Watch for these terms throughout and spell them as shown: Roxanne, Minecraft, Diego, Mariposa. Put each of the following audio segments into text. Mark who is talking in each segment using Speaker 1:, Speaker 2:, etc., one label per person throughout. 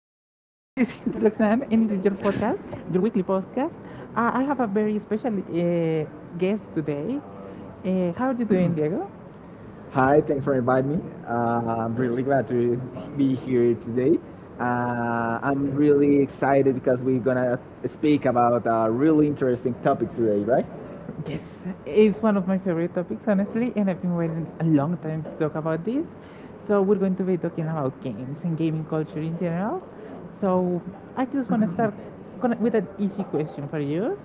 Speaker 1: is Roxanne and this is your podcast, your weekly podcast. I have a very special guest today. How are you doing, Diego?
Speaker 2: Hi,
Speaker 1: Hi,
Speaker 2: thanks
Speaker 1: thanks
Speaker 2: for
Speaker 1: for
Speaker 2: inviting
Speaker 1: inviting
Speaker 2: me.
Speaker 1: me.
Speaker 2: I'm
Speaker 1: I'm
Speaker 2: really
Speaker 1: really glad
Speaker 2: glad to
Speaker 1: to be
Speaker 2: be here
Speaker 1: here today.
Speaker 2: today. I'm
Speaker 1: I'm
Speaker 2: really excited because we're gonna speak about a really interesting topic today, right?
Speaker 1: Yes, it's one of my favorite topics, honestly, and I've been waiting a long time to talk about this. So, we're going to be talking about games and gaming culture in general. So, I just want to with an easy question for you,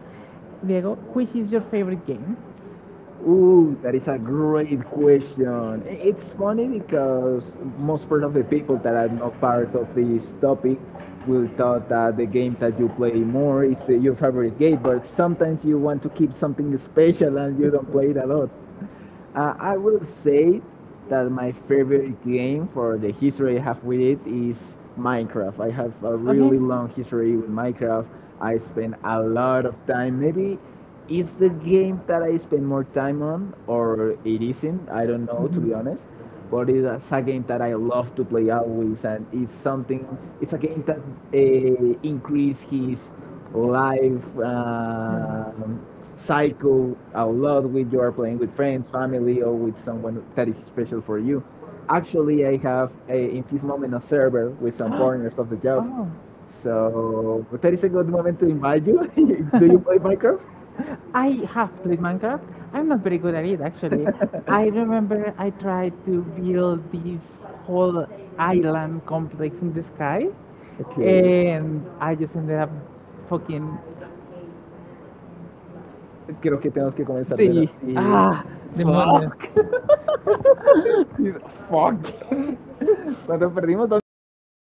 Speaker 1: Diego. Which is your favorite game?
Speaker 2: Ooh,
Speaker 1: Ooh, that
Speaker 2: that
Speaker 1: is
Speaker 2: is
Speaker 1: a
Speaker 2: a
Speaker 1: great
Speaker 2: great question.
Speaker 1: question. It's
Speaker 2: It's funny
Speaker 1: funny because
Speaker 2: because
Speaker 1: most
Speaker 2: most part of the people
Speaker 1: people
Speaker 2: that
Speaker 1: that
Speaker 2: are
Speaker 1: are not
Speaker 2: not
Speaker 1: part
Speaker 2: part
Speaker 1: of
Speaker 2: of
Speaker 1: this
Speaker 2: this
Speaker 1: topic
Speaker 2: topic
Speaker 1: will
Speaker 2: will
Speaker 1: talk
Speaker 2: thought that
Speaker 1: about
Speaker 2: the
Speaker 1: the
Speaker 2: game
Speaker 1: game that
Speaker 2: that
Speaker 1: you
Speaker 2: you
Speaker 1: play
Speaker 2: play
Speaker 1: more.
Speaker 2: more is your favorite game, but sometimes you want to keep something special and you don't play it a lot. I will say that my favorite game for the history I have with it is
Speaker 1: Minecraft.
Speaker 2: Minecraft. I have a
Speaker 1: Okay. Really
Speaker 2: really
Speaker 1: love
Speaker 2: long
Speaker 1: history
Speaker 2: history with
Speaker 1: with Minecraft.
Speaker 2: Minecraft. I spend a lot of time. Maybe it's the game that I spend more time on, or it isn't. I don't know, to be
Speaker 1: Mm-hmm.
Speaker 2: honest.
Speaker 1: But
Speaker 2: But it's a game that I love to play always, and it's something. It's
Speaker 1: It's a
Speaker 2: a
Speaker 1: game
Speaker 2: game that
Speaker 1: that is.
Speaker 2: increases
Speaker 1: is-
Speaker 2: his life cycle a
Speaker 1: yeah,
Speaker 2: lot with you are playing with friends, family, or with someone that
Speaker 1: someone
Speaker 2: is
Speaker 1: special
Speaker 2: special for
Speaker 1: for you.
Speaker 2: you.
Speaker 1: Actually,
Speaker 2: Actually, in
Speaker 1: this
Speaker 2: this
Speaker 1: moment
Speaker 2: moment a
Speaker 1: a server
Speaker 2: server
Speaker 1: with
Speaker 2: with
Speaker 1: some
Speaker 2: some
Speaker 1: corners
Speaker 2: partners
Speaker 1: of
Speaker 2: of the
Speaker 1: the job.
Speaker 2: job.
Speaker 1: Oh. So
Speaker 2: So but that is a
Speaker 1: basically,
Speaker 2: good moment to
Speaker 1: to invite
Speaker 2: invite you.
Speaker 1: you
Speaker 2: Do you
Speaker 1: with my
Speaker 2: play Minecraft?
Speaker 1: Minecraft. I have played Minecraft. I'm not very good at it actually. I remember I tried to build this whole island complex in the sky
Speaker 2: Okay.
Speaker 1: and I just ended up fucking
Speaker 2: Creo que tenemos que comenzar de nuevo.
Speaker 1: see,
Speaker 2: Sí.
Speaker 1: ah demonios.
Speaker 2: Fuck. Fuck. ¿Cuánto perdimos? Dos minuticos.